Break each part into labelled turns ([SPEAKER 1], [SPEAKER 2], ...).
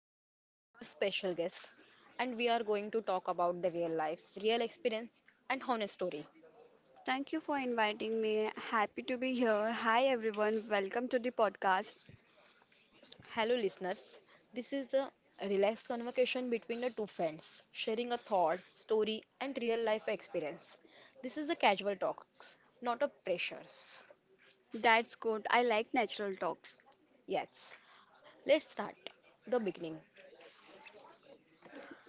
[SPEAKER 1] Today we have a special guest and we are going to talk about the real life, real experience, and honest story.
[SPEAKER 2] Thank you for inviting me. Happy to be here. Hi, everyone. Welcome to the podcast.
[SPEAKER 1] Hello listeners, this is a relaxed conversation between the two friends, sharing a thoughts, story, and real life experience. This is a casual talks, not a pressures.
[SPEAKER 2] That's good. I like natural talks.
[SPEAKER 1] Yes, let's start the beginning.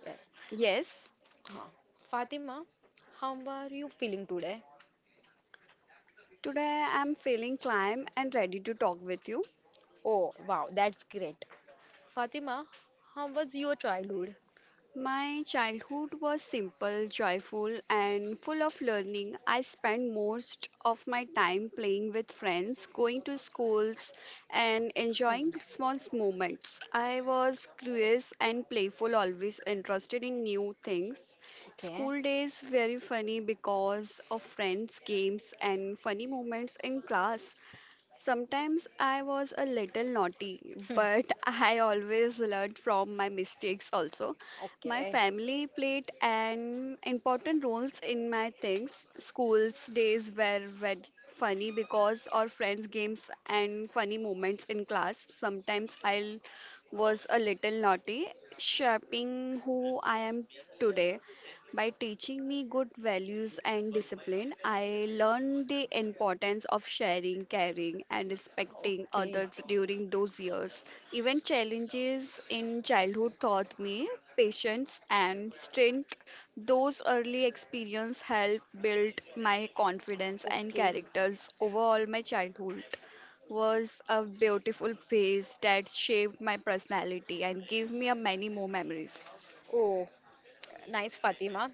[SPEAKER 1] Yes.
[SPEAKER 2] Yes,
[SPEAKER 1] Huh. Fatima, how are you feeling today?
[SPEAKER 2] today I'm feeling calm and ready to talk with you.
[SPEAKER 1] Oh, wow, that's great. Fatima, how was your childhood?
[SPEAKER 2] My childhood was simple, joyful, and full of learning. I spent most of my time playing with friends, going to schools, and enjoying small moments. I was curious and playful, always interested in new things.
[SPEAKER 1] Okay,
[SPEAKER 2] School days very funny because of friends, games, and funny moments in class. Sometimes I was a little naughty, but I always learned from my mistakes also. My
[SPEAKER 1] okay.
[SPEAKER 2] family played an important roles in my things. Schools days were very funny because our friends games and funny moments in class. Sometimes I was a little naughty, shaping who I am today. By teaching me good values and discipline, I learned the importance of sharing, caring, and respecting others during those years. Even challenges in childhood taught me patience and strength. Those early experiences helped build my confidence and
[SPEAKER 1] Okay, okay.
[SPEAKER 2] characters. Overall, my childhood was a beautiful phase that shaped my personality and gave me a many more memories.
[SPEAKER 1] Oh, nice Fatima.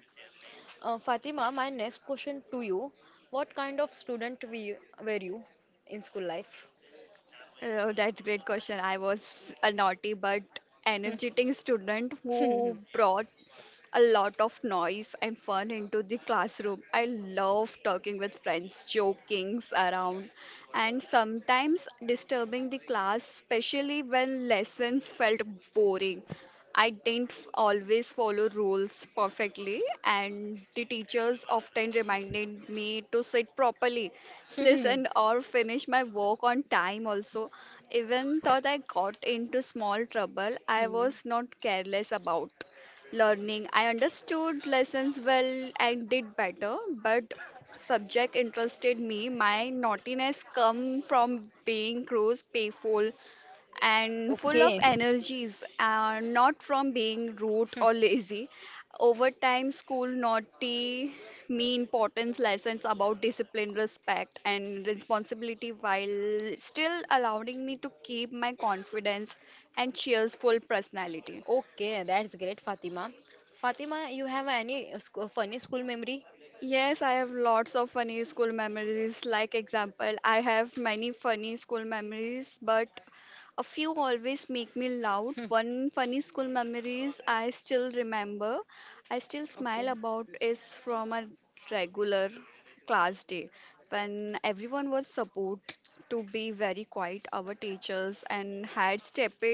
[SPEAKER 1] Fatima, my next question to you. What kind of student, were you in school life?
[SPEAKER 2] Oh, that's great question. I was a naughty but
[SPEAKER 1] Hmm.
[SPEAKER 2] energetic student who brought a lot of noise and fun into the classroom. I love talking with friends, joking around, and sometimes disturbing the class, especially when lessons felt boring. I didn't always follow rules perfectly, and the teachers often reminded me to sit properly, listen, or finish my work on time. Also, even though I got into small trouble, I
[SPEAKER 1] Hmm.
[SPEAKER 2] was not careless about learning. I understood lessons well and did better, but subject interested me. My naughtiness come from being gross, playful, and full
[SPEAKER 1] Okay,
[SPEAKER 2] of energies, not from being rude or lazy. Over time, school naughty me importance lessons about discipline, respect, and responsibility while still allowing me to keep my confidence and cheerful personality.
[SPEAKER 1] okay, that's great, Fatima. Fatima, you have any funny school memory?
[SPEAKER 2] Yes, I have lots of funny school memories. Like example, I have many funny school memories, but a few always make me loud. One funny school memories I still remember. I still smile
[SPEAKER 1] Okay.
[SPEAKER 2] about is from a regular class day when everyone was supposed to be very quiet. Our teachers and had stepped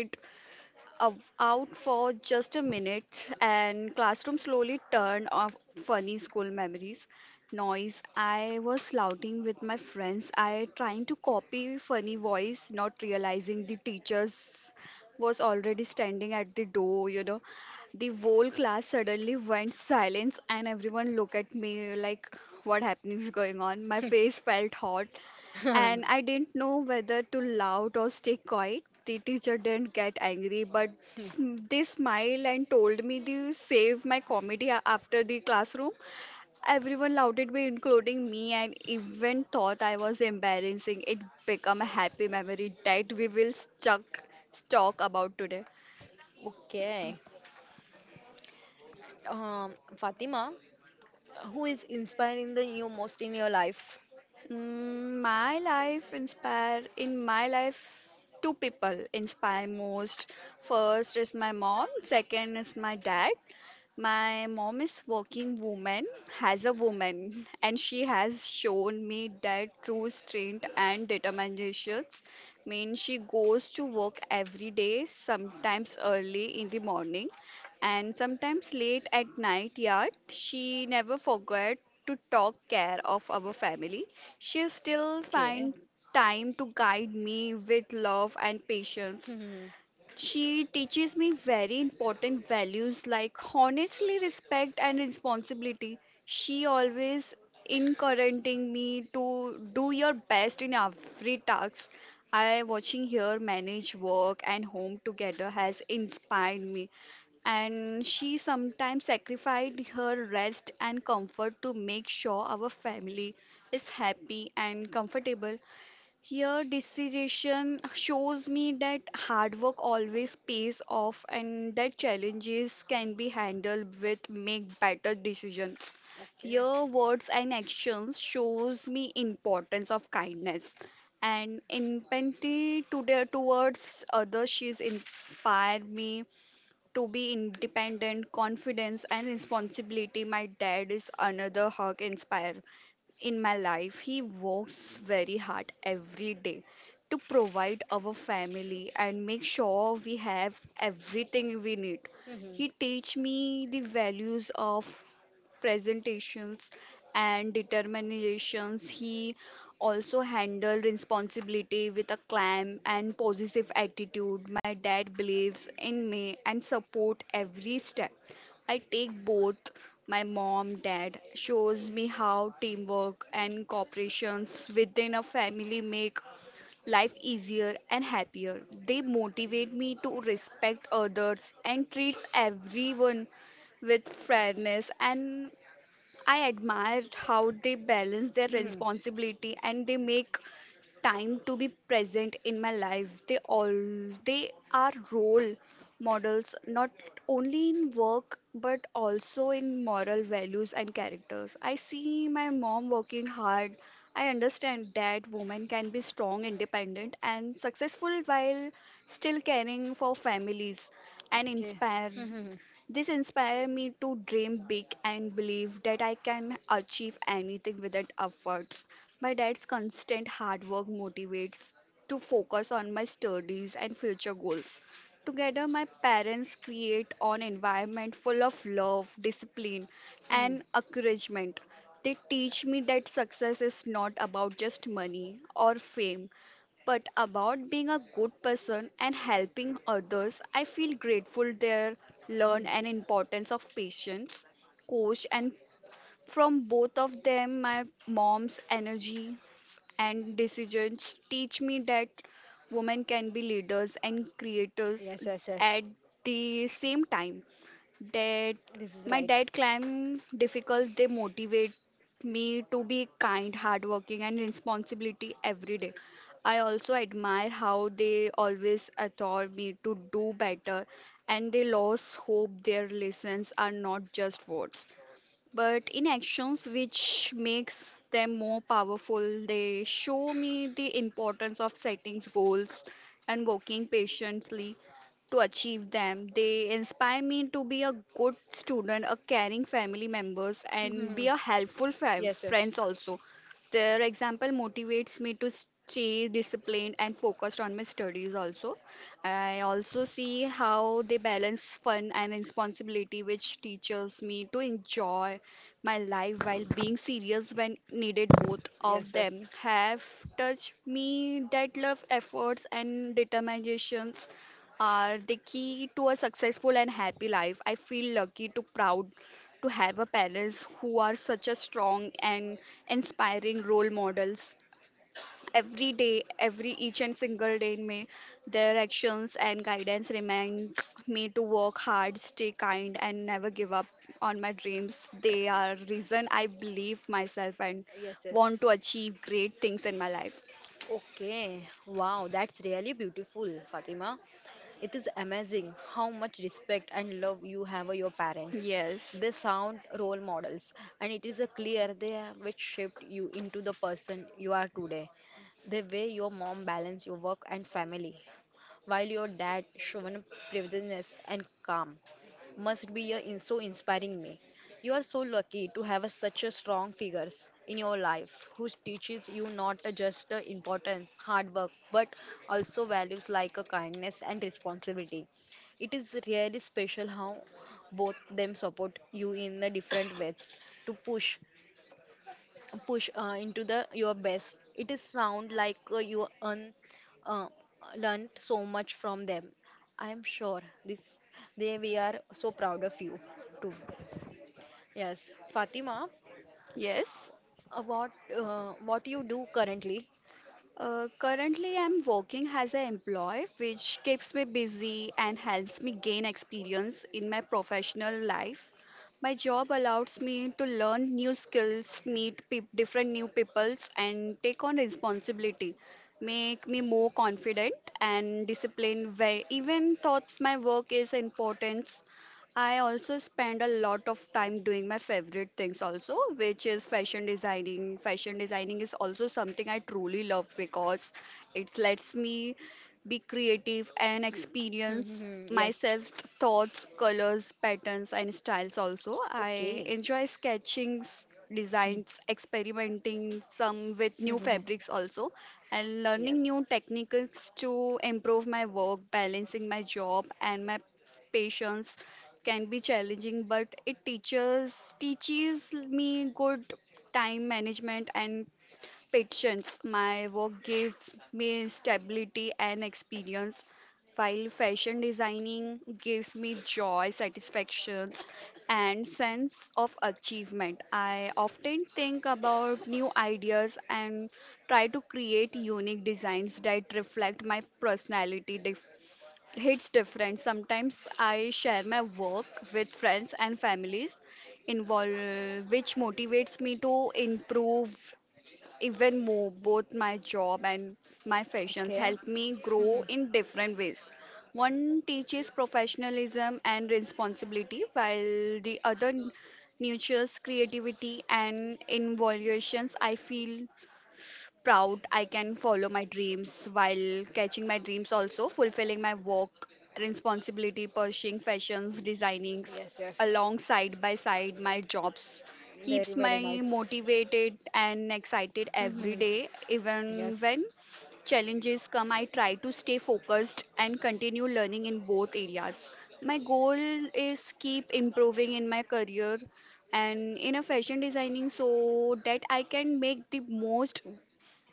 [SPEAKER 2] out for just a minute, and classroom slowly turned off funny school memories. Noise. I was shouting with my friends. I trying to copy funny voice, not realizing the teachers was already standing at the door.
[SPEAKER 1] The one class
[SPEAKER 2] The whole class suddenly went silence, and everyone looked at me like, "What happening is going on?" My face felt hot and I didn't know whether to laugh or stay quiet. The teacher didn't get angry, but they smiled and told me to save my comedy after the classroom. Everyone laughed me, including me, and even thought I was embarrassing. It became a happy memory that we will stuck talk about today.
[SPEAKER 1] Okay. Fatima, who is inspiring the you most in your life?
[SPEAKER 2] My life inspire in my life two people inspire most. First is my mom, second is my dad. My mom is working woman, has a woman, and she has shown me that true strength and determinations means she goes to work every day, sometimes early in the morning and sometimes late at night yet she never forgot to talk care of our family she still finds time to guide me with love and patience. She teaches me very important values like honestly respect and responsibility. She always encouraging me to do your best in every task. I watching her manage work and home together has inspired me and she sometimes sacrificed her rest and comfort to make sure our family is happy and comfortable. Here, decision shows me that hard work always pays off and that challenges can be handled with make better decisions.
[SPEAKER 1] Hmm.
[SPEAKER 2] Here,
[SPEAKER 1] Okay.
[SPEAKER 2] words and actions shows me importance of kindness and empathy to the, towards others. She's inspired me to be independent, confidence, and responsibility. My dad is another hug inspire in my life, he works very hard every day to provide our family and make sure we have everything we need.
[SPEAKER 1] Hmm.
[SPEAKER 2] He teach me the values of presentations and determinations. He also handle responsibility with a calm and positive attitude. My dad believes in me and support every step. I take both. My mom, dad shows me how teamwork and cooperations within a family make life easier and happier. They motivate me to respect others and treats everyone with fairness and I admire how they balance their responsibility and they make time to be present in my life. They all they are role models not only in work but also in moral values and characters. I see my mom working hard. I understand that women can be strong, independent, and successful while still caring for families and inspire
[SPEAKER 1] Hmm.
[SPEAKER 2] this inspired me to dream big and believe that I can achieve anything without efforts. My dad's constant hard work motivates to focus on my studies and future goals. Together, my parents create an environment full of love, discipline,
[SPEAKER 1] Mm.
[SPEAKER 2] and encouragement. They teach me that success is not about just money or fame, but about being a good person and helping others, I feel grateful there learn an importance of patience, coach and from both of them, my mom's energy and decisions teach me that women can be leaders and creators
[SPEAKER 1] Yes, yes,
[SPEAKER 2] at
[SPEAKER 1] yes.
[SPEAKER 2] the same time. That
[SPEAKER 1] This is
[SPEAKER 2] my
[SPEAKER 1] right.
[SPEAKER 2] dad climb difficult, they motivate me to be kind, hardworking, and responsibility every day. I also admire how they always adore me to do better and they lost hope their lessons are not just words but in actions which makes them more powerful they show me the importance of setting goals and working patiently to achieve them they inspire me to be a good student a caring family members and be
[SPEAKER 1] Mhm.
[SPEAKER 2] a helpful
[SPEAKER 1] Yes, yes,
[SPEAKER 2] friends also their example motivates me to stay disciplined and focused on my studies also. I also see how they balance fun and responsibility, which teaches me to enjoy my life while being serious when needed. Both of
[SPEAKER 1] yes, yes.
[SPEAKER 2] them have touched me that love, efforts, and determinations are the key to a successful and happy life. I feel lucky to proud to have a parents who are such a strong and inspiring role models. Every day, every each and single day in May, their actions and guidance remind me to work hard, stay kind, and never give up on my dreams. They are reason I believe myself and
[SPEAKER 1] Yes,
[SPEAKER 2] want
[SPEAKER 1] yes.
[SPEAKER 2] to achieve great things in my life.
[SPEAKER 1] Okay, wow, that's really beautiful, Fatima. It is amazing how much respect and love you have for your parents.
[SPEAKER 2] Yes.
[SPEAKER 1] They sound role models, and it is a clear they which shaped you into the person you are today. The way your mom balanced your work and family, while your dad shown preparedness and calm must be so inspiring me. You are so lucky to have a, such a strong figures in your life who teaches you not just the importance, hard work, but also values like a kindness and responsibility. It is really special how both them support you in the different ways to push into the your best. It is sound like uh, learned so much from them. I am sure this they we are so proud of you too. Yes Fatima,
[SPEAKER 2] Yes.
[SPEAKER 1] uh, what what you do currently?
[SPEAKER 2] Currently, I'm working as an employee, which keeps me busy and helps me gain experience in my professional life. My job allows me to learn new skills, meet peop different new peoples, and take on responsibility, make me more confident and disciplined. Where even thought my work is important, I also spend a lot of time doing my favorite things also, which is fashion designing. Fashion designing is also something I truly love because it lets me be creative, and
[SPEAKER 1] Hmm, hmm,
[SPEAKER 2] experience
[SPEAKER 1] hmm, yes.
[SPEAKER 2] myself thoughts, colors, patterns, and styles also. I
[SPEAKER 1] Okay.
[SPEAKER 2] enjoy sketching,
[SPEAKER 1] Hmm,
[SPEAKER 2] designs, experimenting some with new
[SPEAKER 1] hmm, hmm.
[SPEAKER 2] fabrics also, and learning
[SPEAKER 1] Yes.
[SPEAKER 2] new techniques to improve my work, balancing my job and my patience can be challenging but it teaches me good time management and patience. My work gives me stability and experience, while fashion designing gives me joy, satisfaction, and sense of achievement. I often think about new ideas and try to create unique designs that reflect my personality. Hits different. Sometimes I share my work with friends and families involved, which motivates me to improve even more, both my job and my fashions
[SPEAKER 1] Okay.
[SPEAKER 2] help me
[SPEAKER 1] Hmm,
[SPEAKER 2] grow in different ways. One teaches professionalism and responsibility, while the other nurtures creativity and innovations. I feel proud I can follow my dreams while catching my dreams also, fulfilling my work, responsibility, pursuing fashions, designing
[SPEAKER 1] hmm. Yes, yes.
[SPEAKER 2] alongside by side my jobs
[SPEAKER 1] Very,
[SPEAKER 2] keeps
[SPEAKER 1] very
[SPEAKER 2] me
[SPEAKER 1] nice.
[SPEAKER 2] motivated and excited every
[SPEAKER 1] Mm-hmm.
[SPEAKER 2] day even
[SPEAKER 1] Yes.
[SPEAKER 2] when challenges come I try to stay focused and continue learning in both areas my goal is keep improving in my career and in a fashion designing so that I can make the most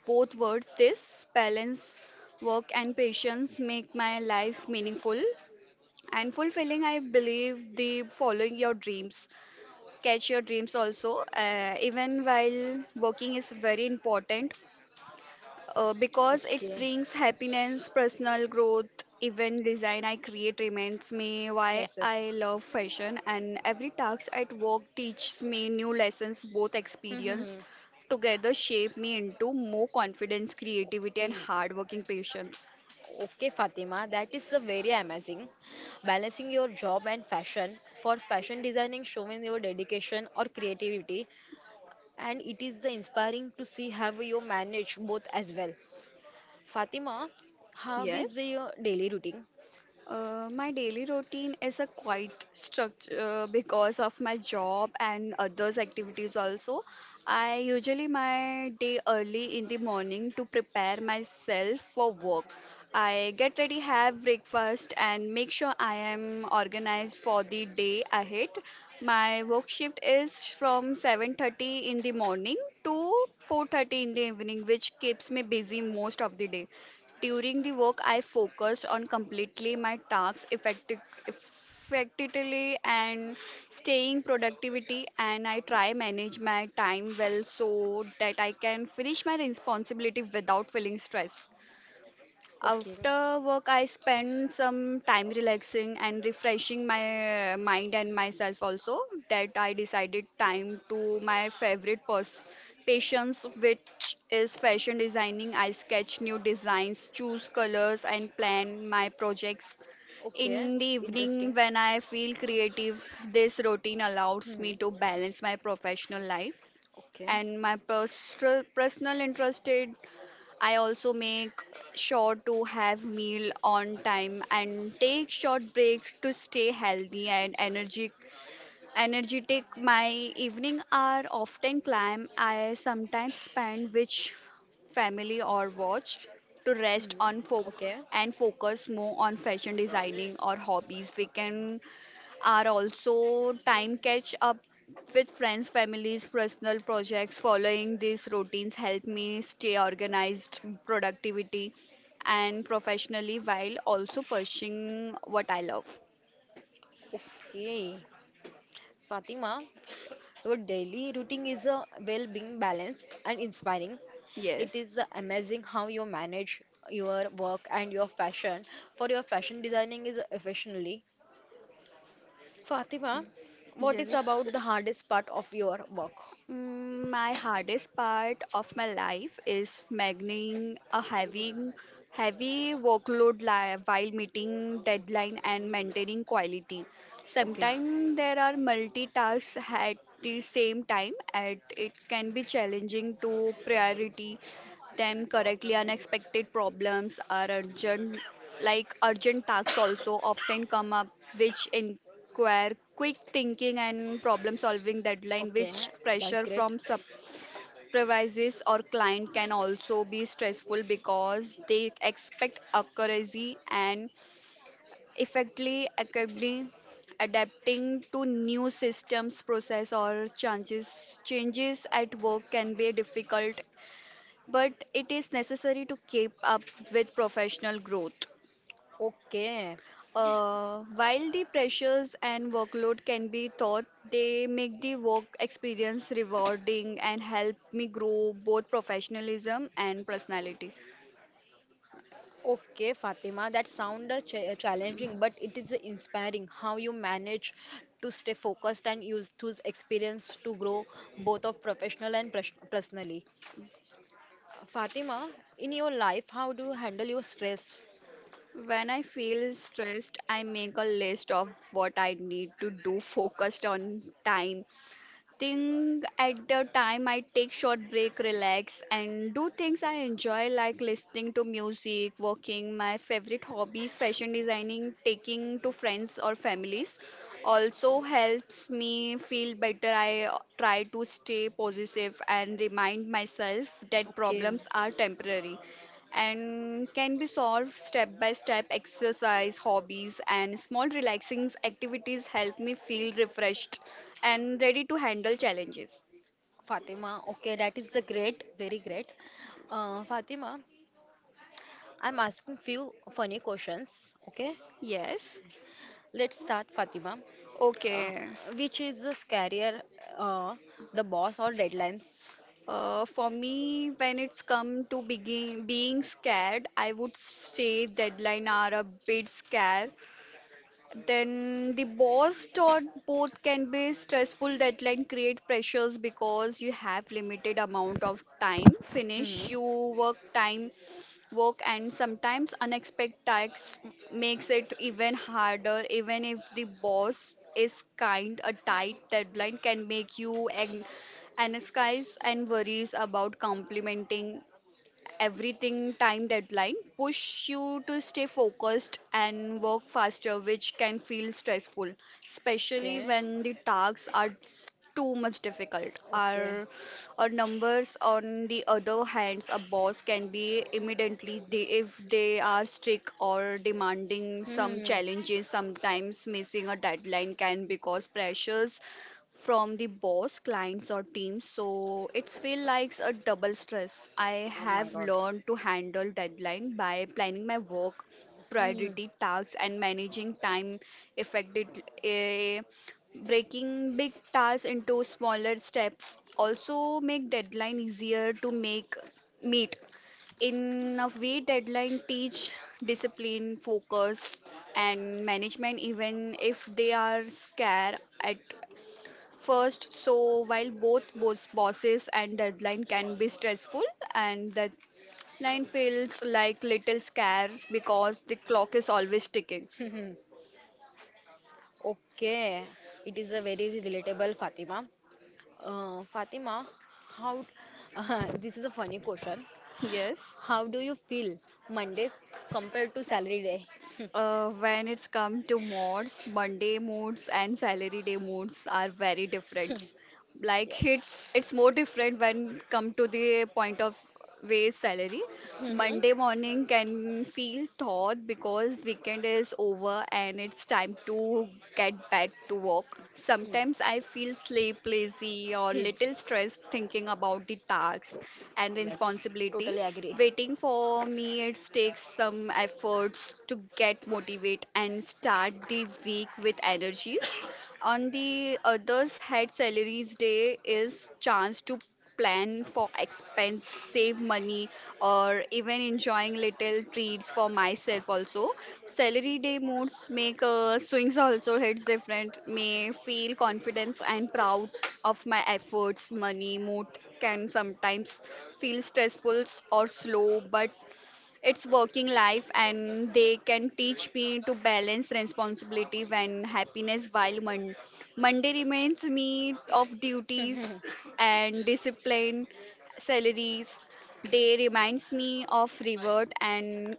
[SPEAKER 2] both words. This balance, work, and patience make my life meaningful and fulfilling. I believe the following your dreams, catch your dreams also, even while working is very important because it
[SPEAKER 1] Okay.
[SPEAKER 2] brings happiness, personal growth, even design I create reminds me why
[SPEAKER 1] Yes, yes.
[SPEAKER 2] I love fashion and every task at work teaches me new lessons both experience
[SPEAKER 1] Mm-hmm.
[SPEAKER 2] together shape me into more confidence, creativity and
[SPEAKER 1] Okay.
[SPEAKER 2] hardworking patience.
[SPEAKER 1] Okay, Fatima, that is a very amazing. Balancing your job and fashion. For fashion designing, showing your dedication or creativity, and it is the inspiring to see how you manage both as well. Fatima, how is
[SPEAKER 2] Yes.
[SPEAKER 1] your daily routine?
[SPEAKER 2] My daily routine is a quite structure because of my job and others activities also. I usually my day early in the morning to prepare myself for work. I get ready, have breakfast, and make sure I am organized for the day ahead. My work shift is from 7:30 in the morning to 4:30 in the evening, which keeps me busy most of the day. During the work, I focused on completely my tasks effectively and staying productivity, and I try manage my time well so that I can finish my responsibility without feeling stressed.
[SPEAKER 1] Okay.
[SPEAKER 2] After work, I spend some time relaxing and refreshing my mind and myself also. That I decided time to my favorite passions, which is fashion designing. I sketch new designs, choose colors, and plan my projects.
[SPEAKER 1] Okay,
[SPEAKER 2] In the evening,
[SPEAKER 1] interesting.
[SPEAKER 2] when I feel creative, this routine allows
[SPEAKER 1] Hmm.
[SPEAKER 2] me to balance my professional life
[SPEAKER 1] Okay.
[SPEAKER 2] and my personal interest. I also make sure to have meal on time and take short breaks to stay healthy and energy energetic. My evening are often climb. I sometimes spend with family or watch to rest
[SPEAKER 1] Hmm.
[SPEAKER 2] on folk
[SPEAKER 1] Okay.
[SPEAKER 2] and focus more on fashion designing or hobbies. We can are also time catch up with friends, families, personal projects. Following these routines help me stay organized, productivity, and professionally while also pursuing what I love.
[SPEAKER 1] Okay. Fatima, your daily routine is well being balanced and inspiring. It
[SPEAKER 2] Yes.
[SPEAKER 1] is amazing how you manage your work and your fashion for your fashion designing is efficiently. Fatima, what is about the hardest part of your work?
[SPEAKER 2] My hardest part of my life is managing a having heavy workload while meeting deadline and maintaining quality.
[SPEAKER 1] Okay.
[SPEAKER 2] Sometimes there are multitasks at the same time, and it can be challenging to priority them correctly. Unexpected problems are urgent, like urgent tasks also often come up, which in require quick thinking and problem solving deadline,
[SPEAKER 1] Okay.
[SPEAKER 2] which
[SPEAKER 1] That's
[SPEAKER 2] pressure
[SPEAKER 1] great.
[SPEAKER 2] from supervisors or client can also be stressful because they expect accuracy and effectively accurately adapting to new systems process or changes changes at work can be difficult, but it is necessary to keep up with professional growth.
[SPEAKER 1] Okay.
[SPEAKER 2] While the pressures and workload can be taught, they make the work experience rewarding and help me grow both professionalism and personality.
[SPEAKER 1] Okay, Fatima, that sound challenging, but it is inspiring how you manage to stay focused and use those experience to grow both of professional and personally. Fatima, in your life, how do you handle your stress?
[SPEAKER 2] When I feel stressed, I make a list of what I need to do focused on time, think at the time I take short break, relax, and do things I enjoy like listening to music, walking, my favorite hobbies, fashion designing, taking to friends or families. Also helps me feel better. I try to stay positive and remind myself that
[SPEAKER 1] Okay.
[SPEAKER 2] problems are temporary and can be solved step by step. Exercise, hobbies, and small relaxing activities help me feel refreshed and ready to handle challenges.
[SPEAKER 1] Fatima, okay, that is the great, very great. Fatima, I'm asking few funny questions. Okay,
[SPEAKER 2] Yes.
[SPEAKER 1] let's start, Fatima. Uh,
[SPEAKER 2] Okay.
[SPEAKER 1] which is the scarier, uh, the boss or deadlines?
[SPEAKER 2] For me, when it's come to begin being scared, I would say deadline are a bit scare. Then the boss thought both can be stressful. Deadline create pressures because you have limited amount of time finish
[SPEAKER 1] Hmm.
[SPEAKER 2] you work time work, and sometimes unexpected tasks makes it even harder. Even if the boss is kind, a tight deadline can make you an anxious and worries about complementing everything time. Deadline push you to stay focused and work faster, which can feel stressful, especially
[SPEAKER 1] Okay.
[SPEAKER 2] when the tasks are too much difficult
[SPEAKER 1] Okay.
[SPEAKER 2] our numbers. On the other hands, a boss can be immediately they, if they are strict or demanding some
[SPEAKER 1] Hmm.
[SPEAKER 2] challenges. Sometimes missing a deadline can because pressures from the boss, clients, or teams. So it's feel like a double stress. I
[SPEAKER 1] Oh my
[SPEAKER 2] have
[SPEAKER 1] God.
[SPEAKER 2] learned to handle deadline by planning my work, priority tasks, and managing time effectively. Breaking big tasks into smaller steps also make deadline easier to make meet. In a way, deadline teach discipline, focus, and management, even if they are scarce at first. So while both bosses and deadline can be stressful, and deadline feels like little scarce because the clock is always ticking.
[SPEAKER 1] Hmm. Okay, it is a very relatable, Fatima. Fatima, how this is a funny question.
[SPEAKER 2] Yes.
[SPEAKER 1] How do you feel Mondays compared to salary day?
[SPEAKER 2] When it's come to mods, Monday modes and salary day modes are very different. Like it's
[SPEAKER 1] Yes.
[SPEAKER 2] it's more different when come to the point of wage salary.
[SPEAKER 1] Mhm. Hmm.
[SPEAKER 2] Monday morning can feel thought because weekend is over and it's time to get back to work. Sometimes I feel sleep lazy or
[SPEAKER 1] Hmm.
[SPEAKER 2] little stressed thinking about the tasks and
[SPEAKER 1] Yes, yes,
[SPEAKER 2] responsibility
[SPEAKER 1] totally agree.
[SPEAKER 2] waiting for me. It takes some efforts to get motivate and start the week with energies. On the others had, salaries day is chance to plan for expense, save money, or even enjoying little treats for myself also. Salary day moods make swings also hits different, may feel confidence and proud of my efforts. Money mood can sometimes feel stressful or slow, but it's working life, and they can teach me to balance responsibility and happiness. While Monday reminds me of duties
[SPEAKER 1] Mhm.
[SPEAKER 2] and discipline, salaries day reminds me of reward, and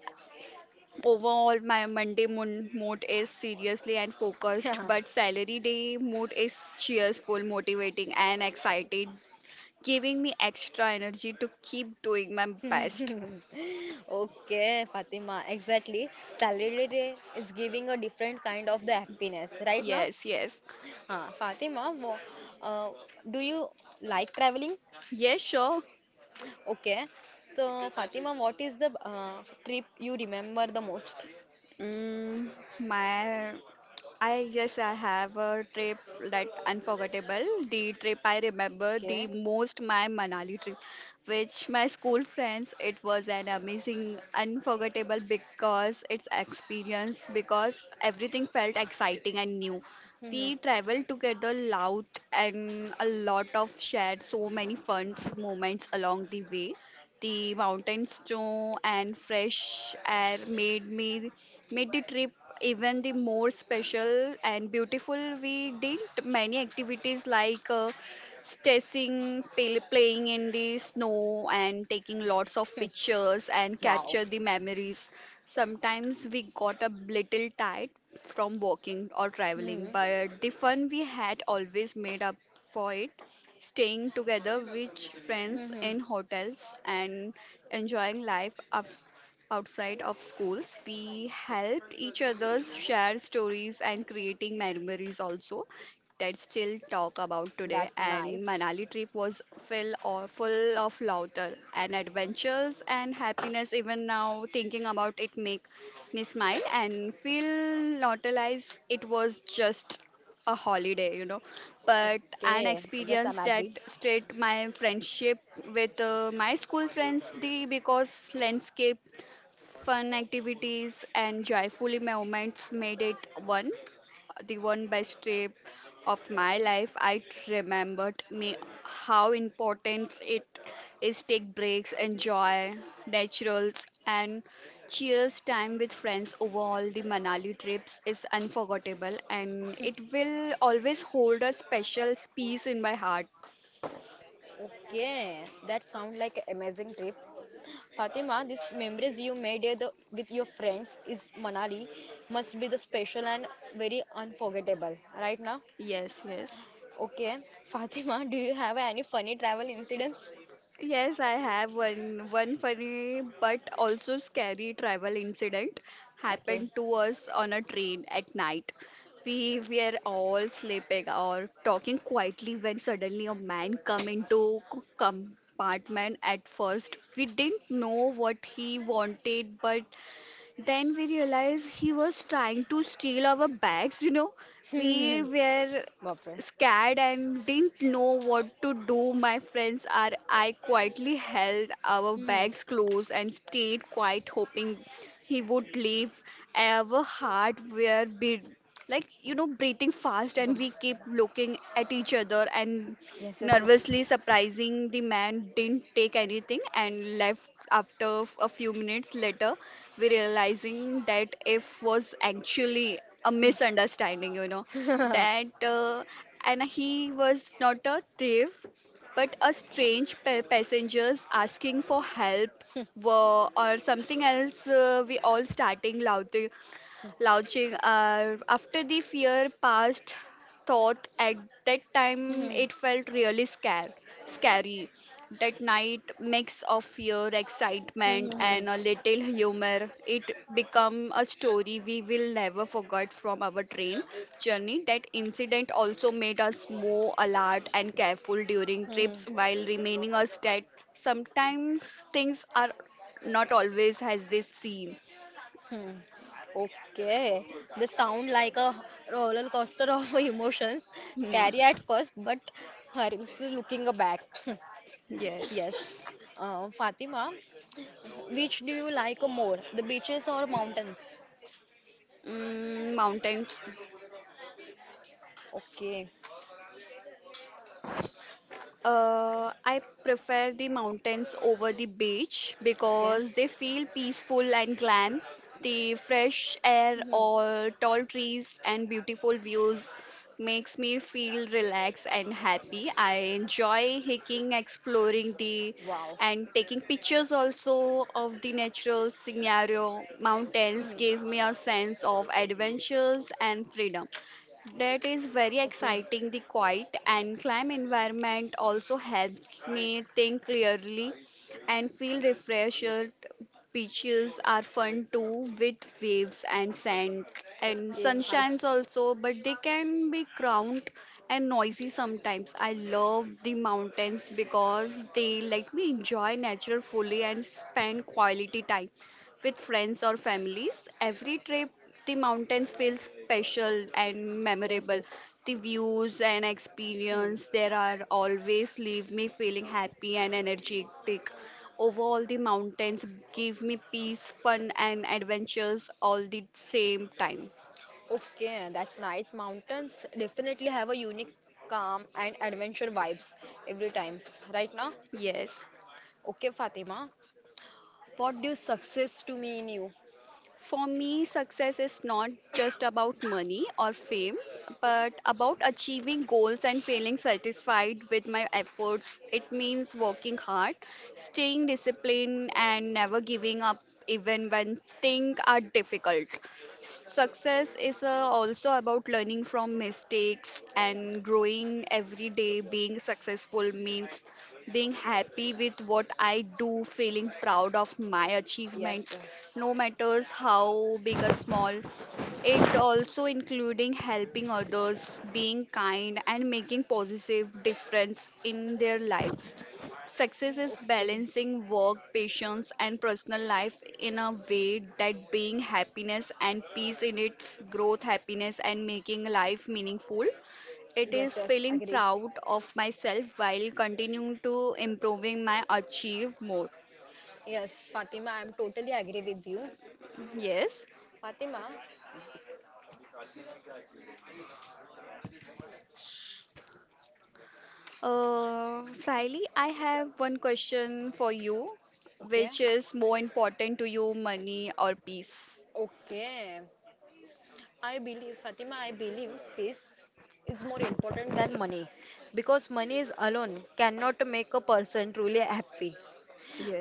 [SPEAKER 2] overall, my Monday mood is seriously and focused,
[SPEAKER 1] Yeah.
[SPEAKER 2] but salary day mood is cheerful, motivating, and excited, giving me extra energy to keep doing my best.
[SPEAKER 1] Okay, Fatima, exactly. Salary day is giving a different kind of the happiness right now.
[SPEAKER 2] Yes, yes.
[SPEAKER 1] Fatima, uh, do you like traveling?
[SPEAKER 2] Yes, sure.
[SPEAKER 1] Okay. So, Fatima, what is the trip you remember the most?
[SPEAKER 2] Mm, my, I guess I have a trip that unforgettable. The trip I remember the
[SPEAKER 1] Okay.
[SPEAKER 2] most, my Manali trip, which my school friends. It was an amazing, unforgettable because its experience because everything felt exciting and new.
[SPEAKER 1] Hmm.
[SPEAKER 2] We traveled together loud and a lot of shared so many fun moments along the way. The mountain snow and fresh air made the trip even the more special and beautiful. We did many activities like staging, playing in the snow, and taking lots of
[SPEAKER 1] Hmm.
[SPEAKER 2] pictures and
[SPEAKER 1] Wow.
[SPEAKER 2] capture the memories. Sometimes we got a little tired from walking or
[SPEAKER 1] Hmm.
[SPEAKER 2] traveling, but the fun we had always made up for it. Staying together with
[SPEAKER 1] Hmm.
[SPEAKER 2] friends
[SPEAKER 1] Hmm.
[SPEAKER 2] in hotels and enjoying life up outside of schools, we helped each other, share stories, and creating memories also that still talk about
[SPEAKER 1] That
[SPEAKER 2] today. And
[SPEAKER 1] nights.
[SPEAKER 2] Manali trip was full of laughter and adventures and happiness. Even now thinking about it make me smile and feel nostalgic. It was just a holiday, you know, but an
[SPEAKER 1] Okay, that's I'm
[SPEAKER 2] experience that
[SPEAKER 1] agreed.
[SPEAKER 2] straight my friendship with my school friends. The because landscape, fun activities, and joyful moments made it one the one best trip of my life. I remembered me how important it is take breaks, enjoy naturals, and cheers time with friends. Overall, the Manali trips is unforgettable, and it will always hold a special space in my heart.
[SPEAKER 1] Okay, that sounds like an amazing trip. Fatima, these memories you made with your friends is Manali must be the special and very unforgettable, right now?
[SPEAKER 2] Yes, yes.
[SPEAKER 1] Okay, Fatima, do you have any funny travel incidents?
[SPEAKER 2] Yes, I have one funny but also scary travel incident
[SPEAKER 1] Okay.
[SPEAKER 2] happened to us on a train at night. We were all sleeping or talking quietly when suddenly a man come into compartment. At first, we didn't know what he wanted, but then we realized he was trying to steal our bags, We were
[SPEAKER 1] Bapre.
[SPEAKER 2] scared and didn't know what to do. My friends are I quietly held our
[SPEAKER 1] Hmm.
[SPEAKER 2] bags close and stayed quiet, hoping he would leave. Our heart were beat like breathing fast,
[SPEAKER 1] Wow.
[SPEAKER 2] and we keep looking at each other and
[SPEAKER 1] Yes, yes, yes.
[SPEAKER 2] nervously surprising, the man didn't take anything and left after a few minutes later. We realizing that if was actually a misunderstanding, that and he was not a thief, but a strange passengers asking for help were or something else. We all starting loudly launching. After the fear passed, thought at that time
[SPEAKER 1] Hmm.
[SPEAKER 2] it felt really scary. That night mix of fear,
[SPEAKER 1] Mhm.
[SPEAKER 2] excitement, and
[SPEAKER 1] Mhm,
[SPEAKER 2] a little humor. It become a story we will never forget from our train journey. That incident also made us more alert and careful during
[SPEAKER 1] mhm, mhm.
[SPEAKER 2] trips, while remaining us that sometimes things are not always as they seem.
[SPEAKER 1] Hmm. Okay, they sound like a roller coaster of emotions. Scary at first, but Haris is looking back.
[SPEAKER 2] Looking back. Yes.
[SPEAKER 1] Yes. Fatima, which do you like more, the beaches or mountains?
[SPEAKER 2] Mm, mountains.
[SPEAKER 1] Okay.
[SPEAKER 2] I prefer the mountains over the beach
[SPEAKER 1] Okay.
[SPEAKER 2] because they feel peaceful and calm. The fresh air
[SPEAKER 1] Mhm.
[SPEAKER 2] or tall trees and beautiful views makes me feel relaxed and happy. I enjoy hiking, exploring the
[SPEAKER 1] Wow.
[SPEAKER 2] and taking pictures also of the natural scenario. Mountains
[SPEAKER 1] Mhm.
[SPEAKER 2] give me a sense of adventures and freedom. That is very
[SPEAKER 1] Okay.
[SPEAKER 2] exciting. The quiet and calm environment also helps me think clearly and feel refreshed. Beaches are fun too, with waves and sand and
[SPEAKER 1] Okay, I
[SPEAKER 2] sunshines also, but they can be crowded and noisy sometimes. I love the mountains because they let me enjoy nature fully and spend quality time with friends or families. Every trip, the mountains feel special and
[SPEAKER 1] yes,
[SPEAKER 2] memorable.
[SPEAKER 1] yes.
[SPEAKER 2] The views and
[SPEAKER 1] Hmm.
[SPEAKER 2] experience there are always leave me feeling happy and energetic. Overall, the mountains give me peace, fun, and adventures all the same time.
[SPEAKER 1] Okay, that's nice. Mountains definitely have a unique calm and adventure vibes every times, right now?
[SPEAKER 2] Yes.
[SPEAKER 1] Okay, Fatima, what do success to mean you?
[SPEAKER 2] For me, success is not just about money or fame, but about achieving goals and feeling satisfied with my efforts. It means working hard, staying disciplined, and never giving up even when things are difficult. Success is also about learning from mistakes and growing every day. Being successful means being happy with what I do, feeling proud of my
[SPEAKER 1] Yes,
[SPEAKER 2] achievements,
[SPEAKER 1] yes.
[SPEAKER 2] no matters how big or small. It also including helping others, being kind, and making positive difference in their lives. Success is
[SPEAKER 1] Okay.
[SPEAKER 2] balancing work, patience, and personal life in a way that being happiness and peace in its growth, happiness, and making life meaningful. It
[SPEAKER 1] Yes,
[SPEAKER 2] is
[SPEAKER 1] yes,
[SPEAKER 2] feeling
[SPEAKER 1] agree.
[SPEAKER 2] proud of myself while continuing to improving my achieve more.
[SPEAKER 1] Yes, Fatima, I'm totally agree with you.
[SPEAKER 2] Yes.
[SPEAKER 1] Fatima,
[SPEAKER 2] Sally, I have one question for you,
[SPEAKER 1] okay.
[SPEAKER 2] which is more important to you, money or peace?
[SPEAKER 1] Okay. I believe, Fatima, I believe this is more important than money because money is alone cannot make a person truly happy.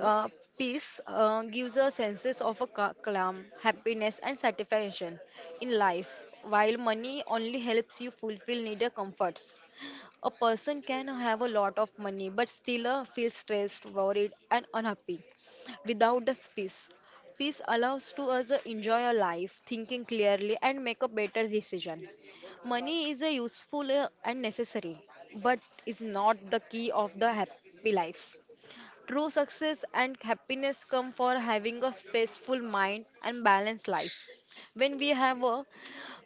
[SPEAKER 1] Uh, peace gives a senses of a calm, happiness, and satisfaction in life, while money only helps you fulfill needed comforts. A person can have a lot of money but still feel stressed, worried, and unhappy without the peace. Peace allows to us enjoy a life, thinking clearly, and make a better decision. Money is a useful and necessary, but is not the key of the happy life. True success and happiness come for having a peaceful mind and balanced life. When we have a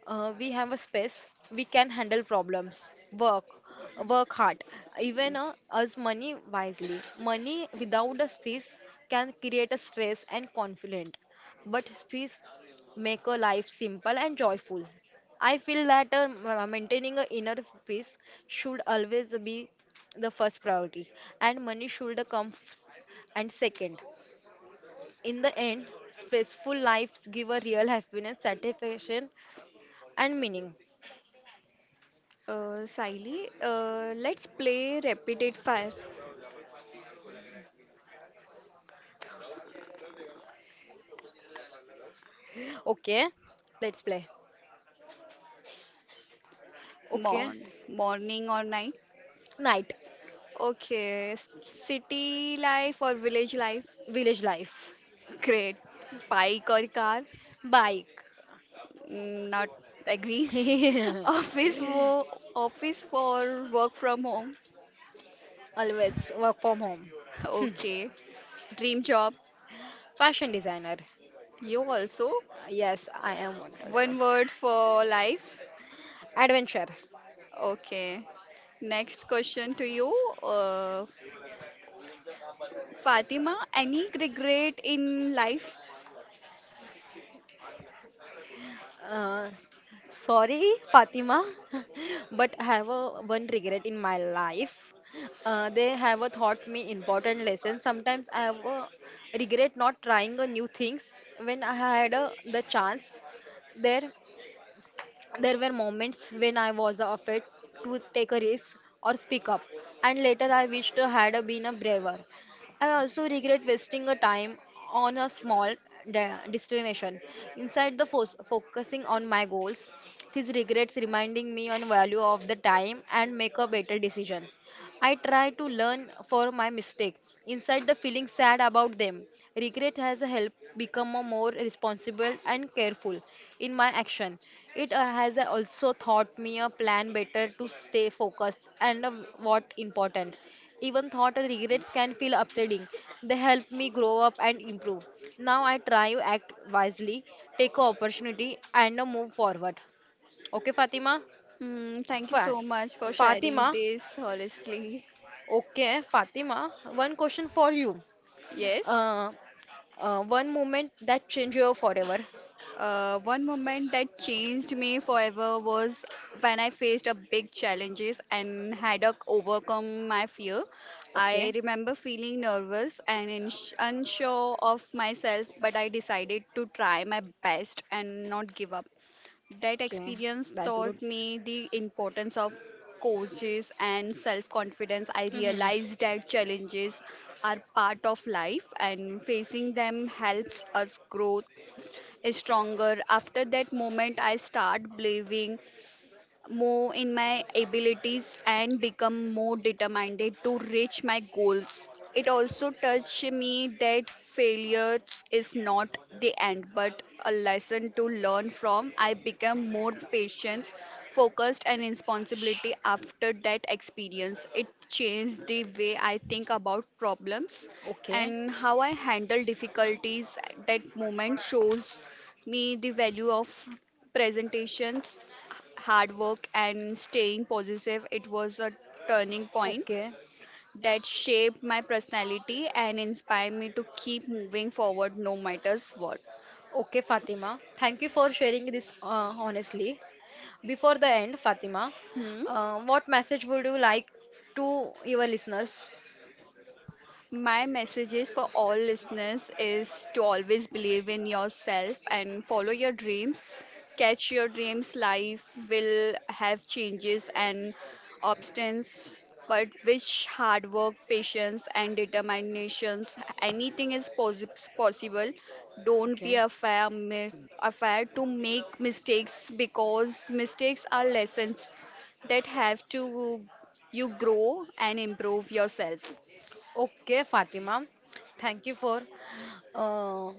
[SPEAKER 1] uh, we have a space, we can handle problems, work hard, even as money wisely. Money without a space can create a stress and conflict, but space make a life simple and joyful. I feel that maintaining a inner peace should always be the first priority and money should come f- and second. In the end peaceful lives give a real happiness, satisfaction and meaning.
[SPEAKER 2] Sally, let's play rapid fire.
[SPEAKER 1] Okay, let's play. Okay.
[SPEAKER 2] Morn, morning or night?
[SPEAKER 1] Night.
[SPEAKER 2] Okay. City life or village life?
[SPEAKER 1] Village life.
[SPEAKER 2] Great. Bike or car?
[SPEAKER 1] Bike.
[SPEAKER 2] Mm, not agree. Office wo office for work from home.
[SPEAKER 1] Always work from home.
[SPEAKER 2] Okay. Dream job.
[SPEAKER 1] Fashion designer.
[SPEAKER 2] You also.
[SPEAKER 1] Yes, I am one also.
[SPEAKER 2] One word for life.
[SPEAKER 1] Adventure.
[SPEAKER 2] Okay. Next question to you, uh, Fatima. Any regret in life?
[SPEAKER 1] Uh, Sorry, Fatima, but I have a, one regret in my life. They have a taught me important lesson. Sometimes I have a regret not trying a new things when I had a, the chance there. There were moments when I was afraid to take a risk or speak up, and later I wished I had been a braver. I also regret wasting a time on a small destination. Inside the focusing on my goals, these regrets reminding me on value of the time and make a better decision. I try to learn for my mistake. Inside the feeling sad about them. Regret has helped become a more responsible and careful in my action. It has also taught me a plan better to stay focused and what important. Even thought and regrets can feel upsetting. They help me grow up and improve. Now I try to act wisely, take a opportunity and move forward. Okay, Fatima?
[SPEAKER 2] Mm, thank you
[SPEAKER 1] Fine.
[SPEAKER 2] so much for sharing
[SPEAKER 1] Fatima,
[SPEAKER 2] this honestly.
[SPEAKER 1] okay, Fatima, one question for you.
[SPEAKER 2] Yes.
[SPEAKER 1] Uh, one moment that changed you forever.
[SPEAKER 2] One moment that changed me forever was when I faced a big challenges and had to overcome my fear. I
[SPEAKER 1] Okay.
[SPEAKER 2] remember feeling nervous and ins unsure of myself, but I decided to try my best and not give up. That
[SPEAKER 1] Okay,
[SPEAKER 2] experience
[SPEAKER 1] that's good.
[SPEAKER 2] taught me the importance of coaches and self confidence. I
[SPEAKER 1] Mhm.
[SPEAKER 2] realized that challenges are part of life and facing them helps us grow is stronger. After that moment, I start believing, more in my abilities and become more determined to reach my goals. It also touched me that failure is not the end but a lesson to learn from. I became more patient, focused, and responsibility after that experience. It changed the way I think about problems
[SPEAKER 1] Okay.
[SPEAKER 2] and how I handle difficulties. That moment shows me the value of presentations, hard work, and staying positive. It was a turning point
[SPEAKER 1] Okay.
[SPEAKER 2] that shaped my personality and inspired me to keep moving forward no matters what.
[SPEAKER 1] Okay, Fatima. Thank you for sharing this honestly. Before the end, Fatima,
[SPEAKER 2] Hmm?
[SPEAKER 1] what message would you like to your listeners?
[SPEAKER 2] My messages for all listeners is to always believe in yourself and follow your dreams. Catch your dreams. Life will have changes and obstacles, but which hard work, patience, and determinations, anything is possible. Don't be
[SPEAKER 1] Okay.
[SPEAKER 2] afraid to make mistakes because mistakes are lessons that have to you grow and improve yourself.
[SPEAKER 1] Okay, Fatima. Thank you for uh,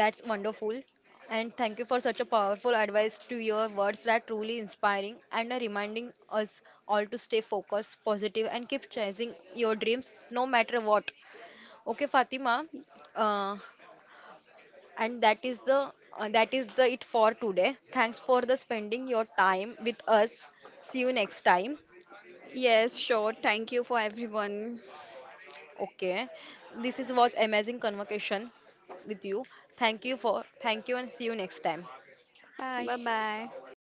[SPEAKER 1] that's wonderful. And thank you for such a powerful advice to your words that truly inspiring and are reminding us all to stay focused, positive, and keep chasing your dreams no matter what. Okay, Fatima. Uh, and that is the it for today. Thanks for the spending your time with us. See you next time.
[SPEAKER 2] Yes, sure. Thank you for everyone.
[SPEAKER 1] Okay. This is was amazing conversation with you. Thank you and see you next time.
[SPEAKER 2] Bye
[SPEAKER 1] Bye.
[SPEAKER 2] bye.